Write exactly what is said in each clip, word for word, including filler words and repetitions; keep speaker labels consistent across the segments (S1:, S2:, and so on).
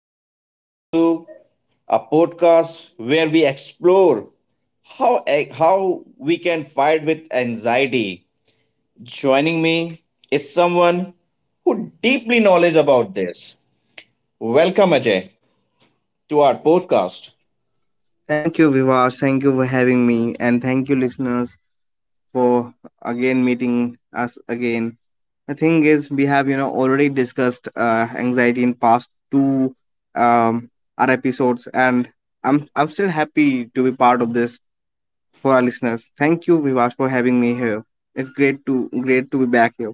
S1: and welcome to a podcast where we explore how, e, how we can fight with anxiety. Joining me is someone who deeply knowledge about this. Welcome, Ajay, to our podcast.
S2: Thank you, Vivash. Thank you for having me. And thank you, listeners, for again meeting us again. The thing is, we have, you know, already discussed uh, anxiety in past two um, our episodes, and I'm I'm still happy to be part of this for our listeners. Thank you, Vivash, for having me here. It's great to great to be back here.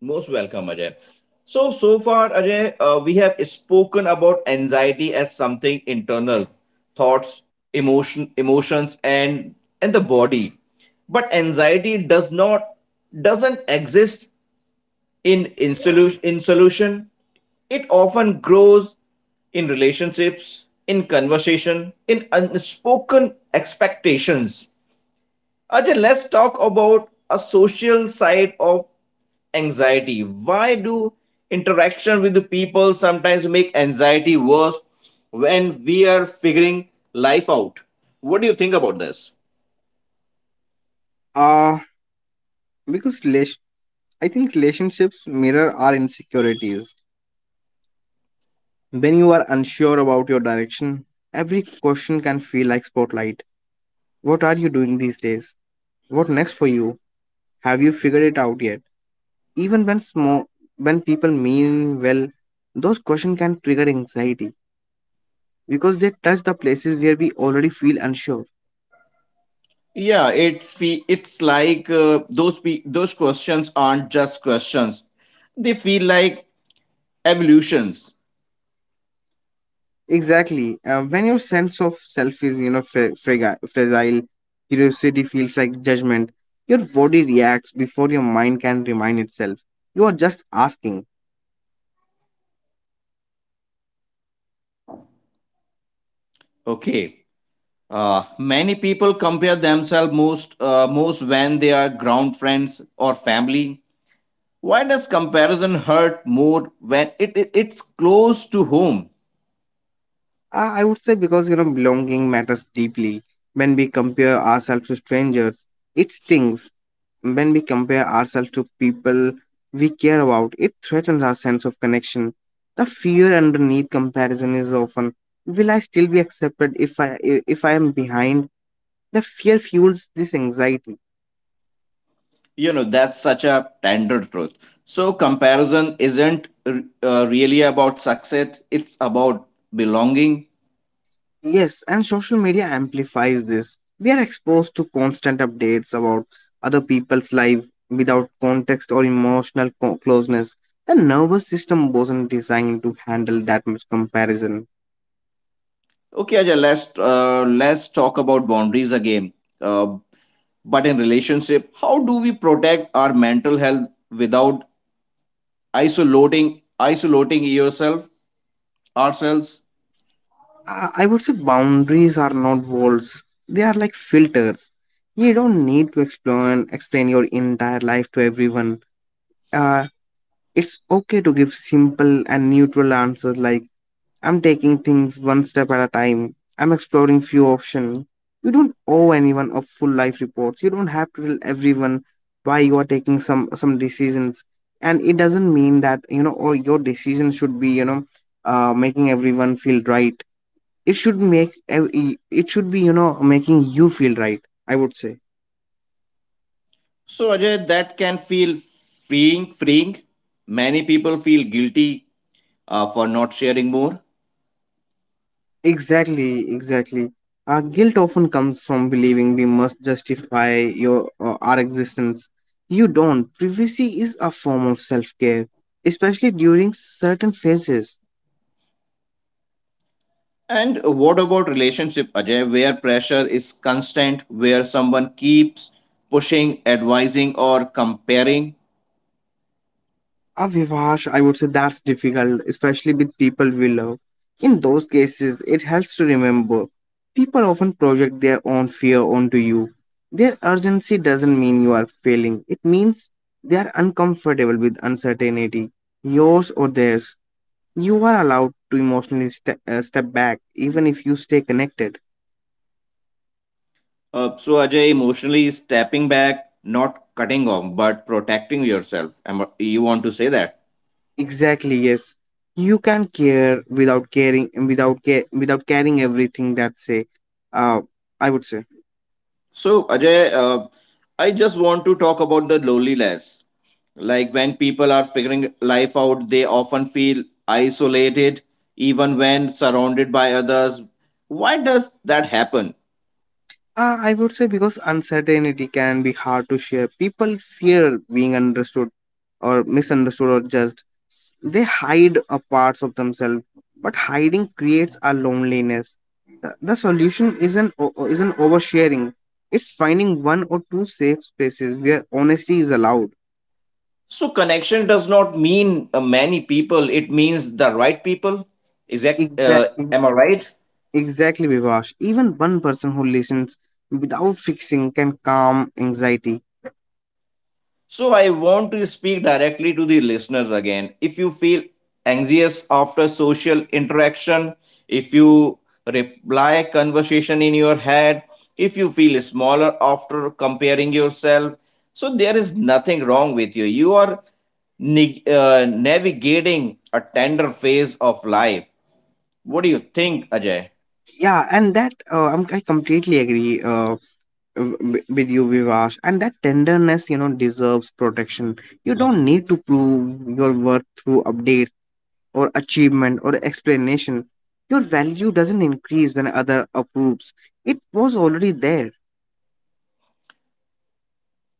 S1: Most welcome, Ajay. So, so far, Ajay, uh, we have spoken about anxiety as something internal, thoughts, emotion, emotions, and and the body. But anxiety does not doesn't exist in in solution in solution. It often grows in relationships, in conversation, in unspoken expectations. Ajay, let's talk about a social side of anxiety. Why do interaction with the people sometimes make anxiety worse when we are figuring life out? What do you think about this?
S2: Uh because relation, I think relationships mirror our insecurities. When you are unsure about your direction, every question can feel like spotlight. What are you doing these days? What next for you? Have you figured it out yet? Even when small, when people mean well, those questions can trigger anxiety because they touch the places where we already feel unsure.
S1: Yeah, it's fe- it's like uh, those pe- those questions aren't just questions. They feel like evolutions.
S2: Exactly. Uh, when your sense of self is, you know, fra- fraga- fragile, curiosity feels like judgment. Your body reacts before your mind can remind itself. You are just asking.
S1: Okay. Uh, many people compare themselves most uh, most when they are ground friends or family. Why does comparison hurt more when it, it- it's close to home?
S2: Uh, I would say because you know belonging matters deeply. When we compare ourselves to strangers, it stings. When we compare ourselves to people we care about, it threatens our sense of connection. The fear underneath comparison is often: Will I still be accepted if I if I am behind? The fear fuels this anxiety.
S1: You know, that's such a tender truth. So comparison isn't r- uh, really about success, it's about belonging.
S2: Yes, and social media amplifies this. We are exposed to constant updates about other people's life without context or emotional co- closeness. The nervous system wasn't designed to handle that much comparison.
S1: Okay, Ajay, let's uh, let's talk about boundaries again, uh, but in relationship, how do we protect our mental health without isolating isolating yourself ourselves?
S2: I I would say boundaries are not walls, they are like filters. You don't need to explain, explain your entire life to everyone. Uh, it's okay to give simple and neutral answers like I'm taking things one step at a time. I'm exploring few options. You don't owe anyone a full life report. You don't have to tell everyone why you are taking some some decisions. And it doesn't mean that you know or your decision should be you know uh, making everyone feel right. It should make ev- it should be you know making you feel right, I would say.
S1: So Ajay, that can feel freeing freeing Many people feel guilty, uh, for not sharing more.
S2: Exactly, exactly. Our guilt often comes from believing we must justify your uh, our existence. You don't. Privacy is a form of self-care, especially during certain phases.
S1: And what about relationship, Ajay, where pressure is constant, where someone keeps pushing, advising, or comparing?
S2: A Vivash, I would say that's difficult, especially with people we love. In those cases, it helps to remember. People often project their own fear onto you. Their urgency doesn't mean you are failing. It means they are uncomfortable with uncertainty, yours or theirs. You are allowed to emotionally ste- uh, step back even if you stay connected.
S1: Uh, so, Ajay, emotionally stepping back, not cutting off, but protecting yourself. Am I- You want to say that?
S2: Exactly, yes. You can care without caring without care without caring everything that say uh I would say.
S1: So, Ajay, uh, I just want to talk about the loneliness. Like when people are figuring life out, they often feel isolated, even when surrounded by others. Why does that happen?
S2: Uh, I would say because uncertainty can be hard to share. People fear being understood or misunderstood or judged. S- They hide a parts of themselves, but hiding creates a loneliness. The the solution isn't o- isn't oversharing. It's finding one or two safe spaces where honesty is allowed.
S1: So connection does not mean uh, many people. It means the right people. Exact. Uh,
S2: Exactly,
S1: am I right?
S2: exactly, Vivash. Even one person who listens without fixing can calm anxiety.
S1: So I want to speak directly to the listeners again. If you feel anxious after social interaction, if you reply conversation in your head, if you feel smaller after comparing yourself, so there is nothing wrong with you. You are ni- uh, navigating a tender phase of life. What do you think, Ajay?
S2: Yeah, and that uh, I'm, I completely agree. Uh, w- with you Vivash, and that tenderness you know deserves protection. You don't need to prove your worth through updates or achievement or explanation. Your value doesn't increase when other approves. It was already there.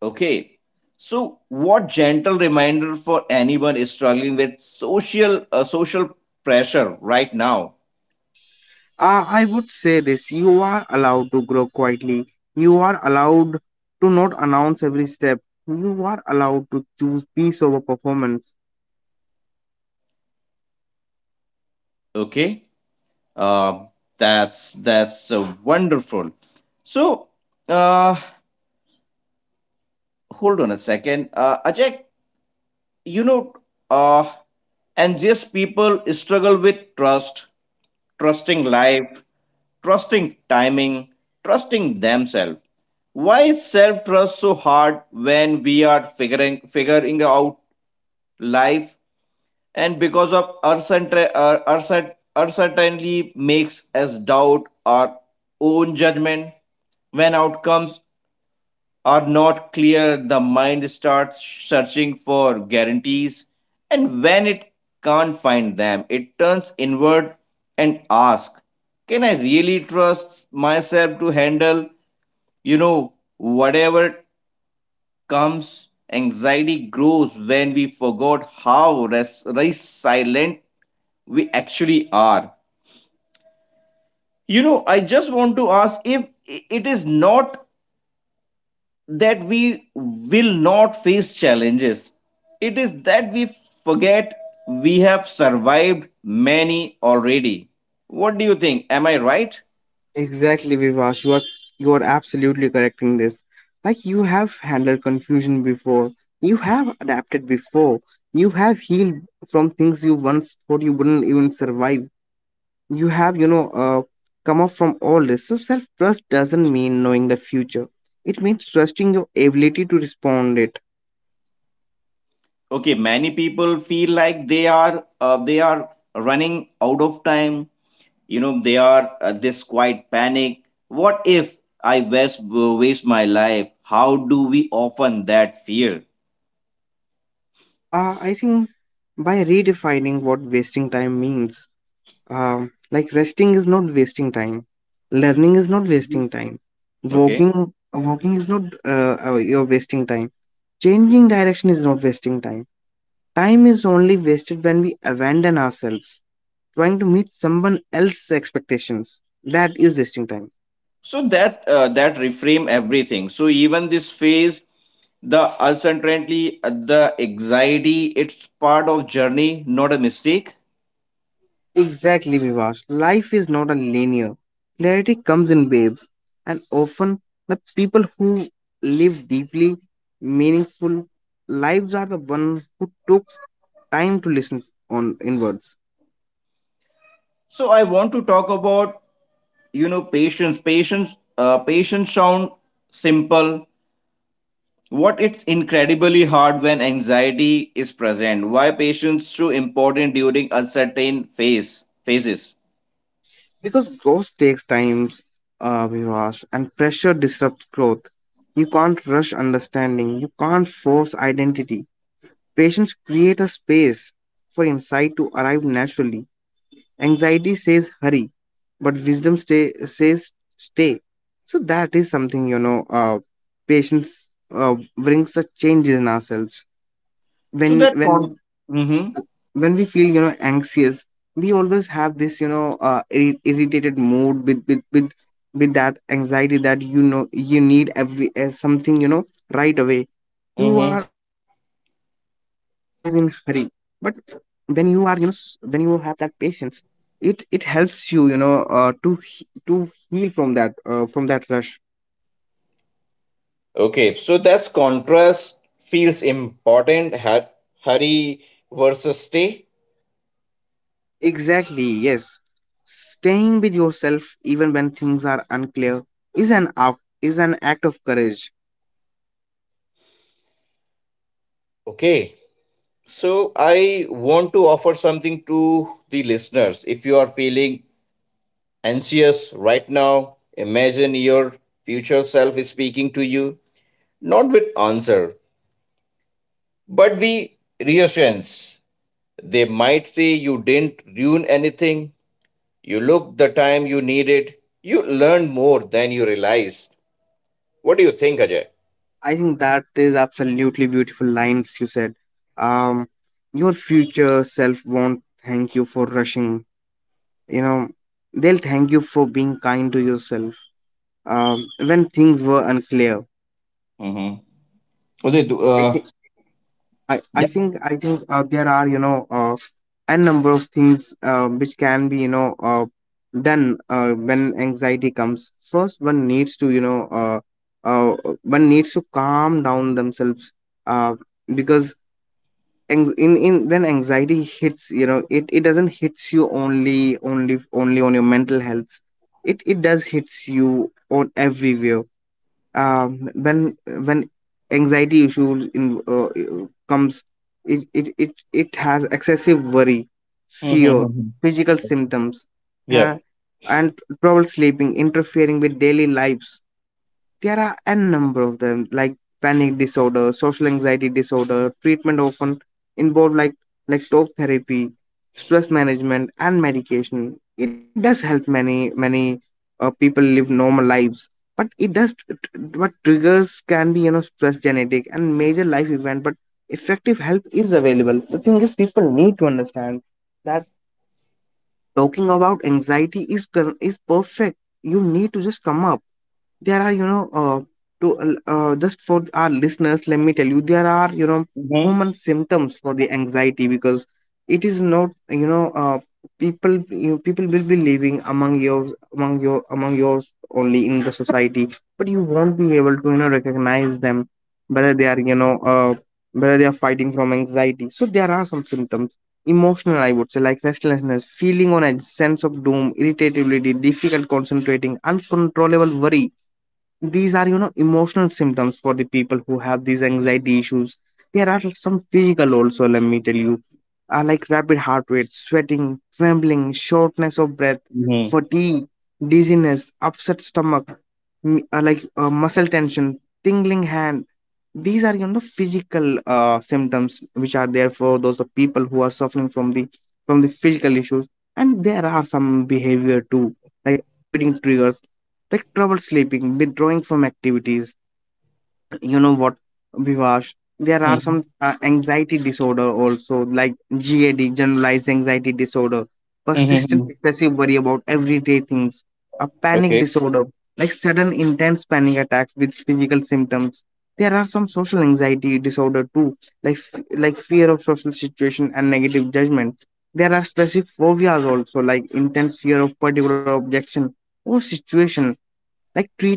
S1: Okay. So, what gentle reminder for anyone is struggling with social uh, social pressure right now?
S2: uh, I would say this: you are allowed to grow quietly, you are allowed to not announce every step, you are allowed to choose peace over performance.
S1: Okay. Um that's that's uh, wonderful. So, uh, hold on a second, uh, Ajay. You know, uh, anxious people struggle with trust, trusting life, trusting timing, trusting themselves. Why is self trust so hard when we are figuring figuring out life, and because of uncertain- uh, uncert- uncertainty makes us doubt our own judgment. When outcomes are not clear, the mind starts searching for guarantees, and when it can't find them, it turns inward and asks, can I really trust myself to handle, you know, whatever comes. Anxiety grows when we forgot how res- resilient we actually are. You know, I just want to ask if i- it is not that we will not face challenges, it is that we forget we have survived many already. What do you think? Am I right?
S2: Exactly, Vivash. You are you are absolutely correct in this. Like you have handled confusion before, you have adapted before, you have healed from things you once thought you wouldn't even survive. You have, you know, uh, come up from all this. So self trust doesn't mean knowing the future. It means trusting your ability to respond it.
S1: Okay, many people feel like they are uh, they are running out of time. You know, they are, uh, this quiet panic. What if I waste waste my life? How do we often that fear?
S2: Uh, I think by redefining what wasting time means. Um, like resting is not wasting time, learning is not
S1: Mhm.
S2: wasting time,
S1: Okay,
S2: walking walking is not uh, uh, you're wasting time, changing direction is not wasting time. Time is only wasted when we abandon ourselves trying to meet someone else's expectations. That is wasting time.
S1: so that uh, that reframe everything. So even this phase, the uncertainty, uh, the anxiety, it's part of journey, not a mistake.
S2: Exactly, Vivash. Life is not a linear. Clarity comes in waves, and often the people who live deeply meaningful lives are the ones who took time to listen on inwards.
S1: So I want to talk about, you know, patience patience uh, patience sound simple, what it's incredibly hard when anxiety is present. Why patience so important during uncertain phase phases?
S2: Because growth takes time, uh, Vivash, and pressure disrupts growth. You can't rush understanding. You can't force identity. Patients create a space for insight to arrive naturally. Anxiety says hurry, but wisdom stay, says stay. So that is something you know. Uh, patience uh, brings a change in ourselves.
S1: so
S2: When
S1: that con-
S2: when
S1: mm-hmm.
S2: when we feel you know anxious, we always have this you know uh, irri- irritated mood with with with with that anxiety, that you know you need every uh, something you know right away. You are
S1: Mm-hmm.
S2: always in hurry, but when you are you know s- when you have that patience, it it helps you you know uh, to he- to heal from that uh, from that rush.
S1: Okay, so that's contrast feels important. Har- Hurry versus stay.
S2: Exactly, yes. Staying with yourself even when things are unclear is an act is an act of courage.
S1: Okay, so I want to offer something to the listeners. If you are feeling anxious right now, imagine your future self is speaking to you, not with answer, but with reassurance. They might say you didn't ruin anything. You looked the time you needed. You learned more than you realized. What do you think, Ajay?
S2: I think that is absolutely beautiful lines you said. um your future self won't thank you for rushing, you know, they'll thank you for being kind to yourself um, when things were unclear.
S1: Mm-hmm. Oh, they do. Uh,
S2: I, I
S1: yeah.
S2: think I think uh, there are you know uh, a number of things uh, which can be you know uh, done uh, when anxiety comes. First, one needs to you know uh, uh, one needs to calm down themselves, uh, because ang- in in when anxiety hits, you know, it, it doesn't hits you only only only on your mental health. It it does hits you on everywhere. Um, when when anxiety issue in, uh, comes, it, it it it has excessive worry, fear,
S1: Mm-hmm.
S2: physical symptoms,
S1: Yeah.
S2: uh, and trouble sleeping interfering with daily lives. There are a number of them, like panic disorder, social anxiety disorder. Treatment often involve like like talk therapy, stress management, and medication. It does help many many uh, people live normal lives, but it does tr- tr- but triggers can be you know stress, genetic, and major life event. But effective help is available. The thing is, people need to understand that talking about anxiety is cor- is perfect. You need to just come up. There are you know uh, to uh, just for our listeners, let me tell you there are you know
S1: Mm-hmm.
S2: common symptoms for the anxiety, because it is not you know uh, people you know, people will be living among yours among your among yours only in the society, but you won't be able to you know recognize them whether they are you know uh, whether they are fighting from anxiety. So there are some symptoms emotional, I would say, like restlessness, feeling on a sense of doom, irritability, difficult concentrating, uncontrollable worry. These are you know emotional symptoms for the people who have these anxiety issues. There are some physical also, let me tell you, are like rapid heart rate, sweating, trembling, shortness of breath,
S1: Mm-hmm.
S2: fatigue, dizziness, upset stomach, m- uh, like uh, muscle tension, tingling hand. These are you know physical uh, symptoms which are there for those of people who are suffering from the from the physical issues. And there are some behavior too, like avoiding triggers, like trouble sleeping, withdrawing from activities. You know what, Vivash? There are
S1: Mm-hmm.
S2: some uh, anxiety disorder also, like G A D, generalized anxiety disorder, persistent
S1: Mm-hmm.
S2: excessive worry about everyday things, a panic
S1: Okay.
S2: disorder, like sudden intense panic attacks with physical symptoms. There are some social anxiety disorder too, like f- like fear of social situation and negative judgment. There are specific phobias also, like intense fear of particular objection or situation. Like treat,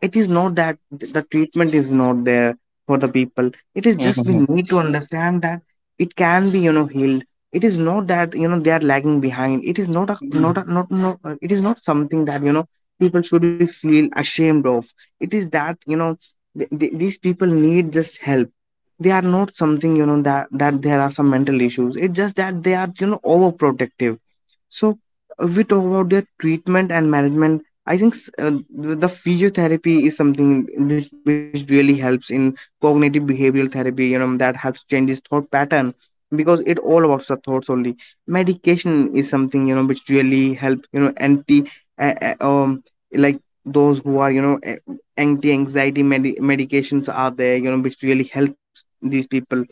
S2: it is not that the treatment is not there for the people. It is just we
S1: Mm-hmm.
S2: need to understand that it can be you know healed. It is not that you know they are lagging behind. It is not a not a
S1: Mm-hmm.
S2: not no uh, it is not something that you know people should be feel ashamed of. It is that you know th- th- these people need just help. They are not something you know that that there are some mental issues. It's just that they are you know overprotective. So if we talk about their treatment and management, I think s- uh, the the physiotherapy is something which, which really helps in cognitive behavioral therapy. You know that helps change his thought pattern, because it all about the thoughts only. Medication is something you know which really help you know anti uh, uh, um like those who are you know anti anxiety medi- medications are there you know which really helps these people.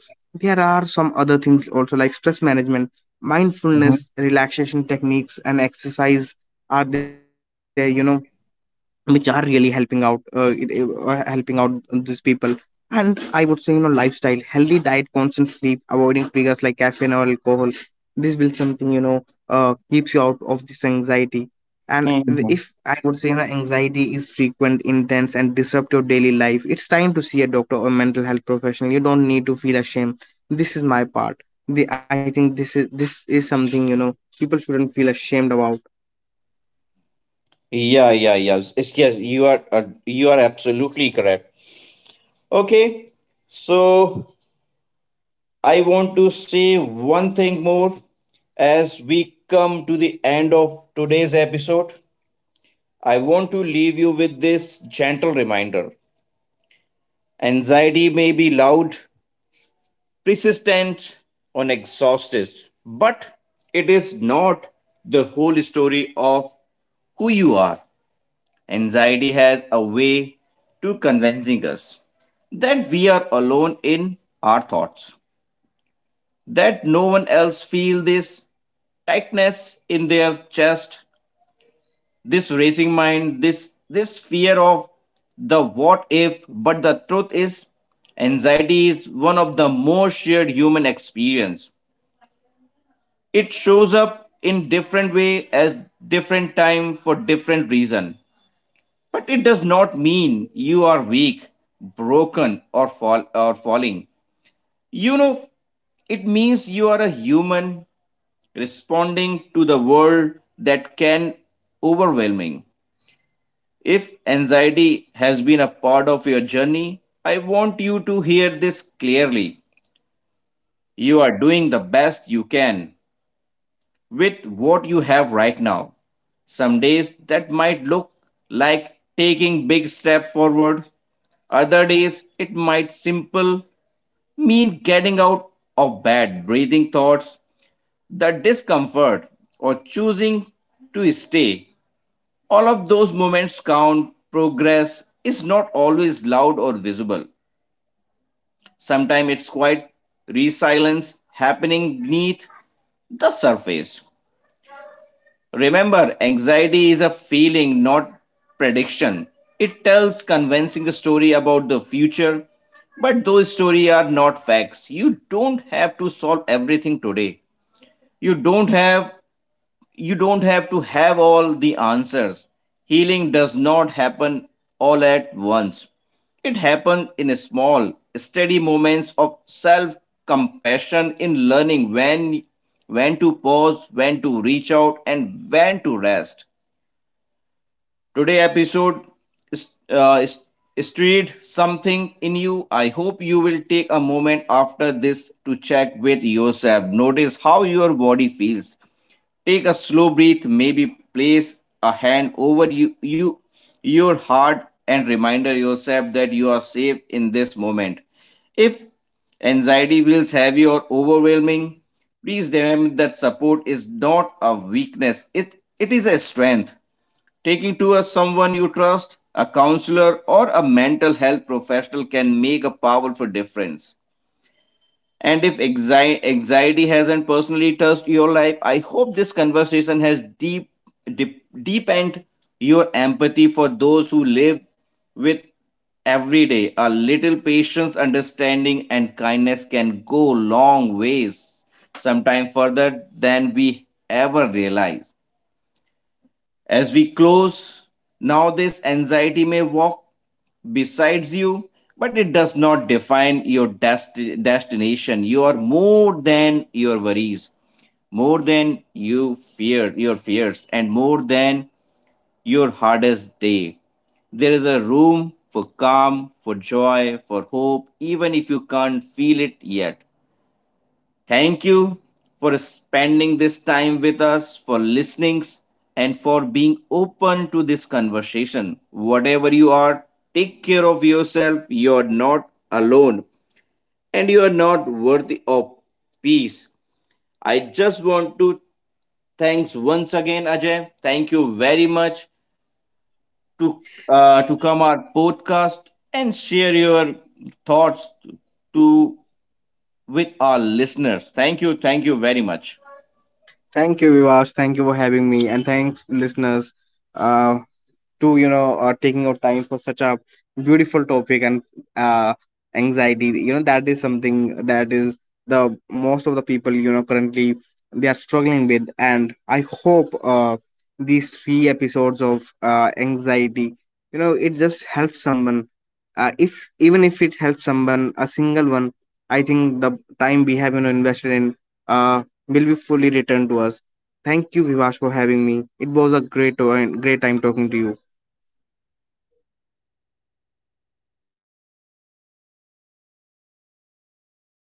S2: There are some other things also like stress management, mindfulness, relaxation techniques, and exercise are there you know which are really helping out, uh, it- it- uh, helping out these people. And I would say you know lifestyle, healthy diet, constant sleep, avoiding triggers like caffeine or alcohol, this will something you know uh, keeps you out of this anxiety. And
S1: Mm-hmm.
S2: if I would say you know anxiety is frequent, intense, and disrupt your daily life, it's time to see a doctor or mental health professional. You don't need to feel ashamed. This is my part. the, I think this is this is something you know people shouldn't feel ashamed about.
S1: Yeah, yeah, yes. It's yes, you are uh, you are absolutely correct. Okay. So I want to say one thing more as we come to the end of today's episode. I want to leave you with this gentle reminder. Anxiety may be loud, persistent or exhausted, but it is not the whole story of who you are. Anxiety has a way to convincing us that we are alone in our thoughts, that no one else feel this tightness in their chest, this racing mind, this this fear of the what if. But the truth is, anxiety is one of the most shared human experience. It shows up in different way as different time for different reason, but it does not mean you are weak, broken or fall or falling, you know. It means you are a human responding to the world that can overwhelming. If anxiety has been a part of your journey, I want you to hear this clearly. You are doing the best you can with what you have right now. Some days that might look like taking big steps forward. Other days it might simple mean getting out of bed, breathing thoughts, the discomfort, or choosing to stay. All of those moments count. Progress is not always loud or visible. Sometimes it's quite resilience happening beneath the surface. Remember, anxiety is a feeling, not prediction. It tells convincing a story about the future, but those stories are not facts. You don't have to solve everything today. You don't have you don't have to have all the answers. Healing does not happen all at once. It happens in small, steady moments of self compassion, in learning when when to pause, when to reach out, and when to rest. Today episode is- uh, is- stirred something in you. I hope you will take a moment after this to check with yourself. Notice how your body feels. Take a slow breath, maybe place a hand over you, you your heart, and remind yourself that you are safe in this moment. If anxiety feels heavy or overwhelming, please remember that support is not a weakness. It it is a strength. Taking to a someone you trust, a counselor or a mental health professional can make a powerful difference. And if anxi- anxiety hasn't personally touched your life, I hope this conversation has deep, deep deepened your empathy for those who live with every day. A little patience, understanding, and kindness can go long ways, sometimes further than we ever realize. As we close, now this anxiety may walk besides you, but it does not define your desti- destination. You are more than your worries, more than you fear your fears, and more than your hardest day. There is a room for calm, for joy, for hope, even if you can't feel it yet. Thank you for spending this time with us, for listening, and for being open to this conversation. Whatever you are, take care of yourself. You are not alone and you are not worthy of peace. I just want to thanks once again, Ajay. Thank you very much to uh, to come our podcast and share your thoughts to with our listeners. Thank you, thank you very much.
S2: Thank you, Vivas. Thank you for having me, and thanks, listeners, uh, to you know uh, taking out time for such a beautiful topic, and uh, anxiety. You know that is something that is the most of the people you know currently they are struggling with, and I hope uh, these three episodes of uh, anxiety, you know, it just helps someone. Uh, if even if it helps someone, a single one, I think the time we have you know invested in uh, will be fully returned to us. Thank you, Vivash, for having me. It was a great, uh, great time talking to you.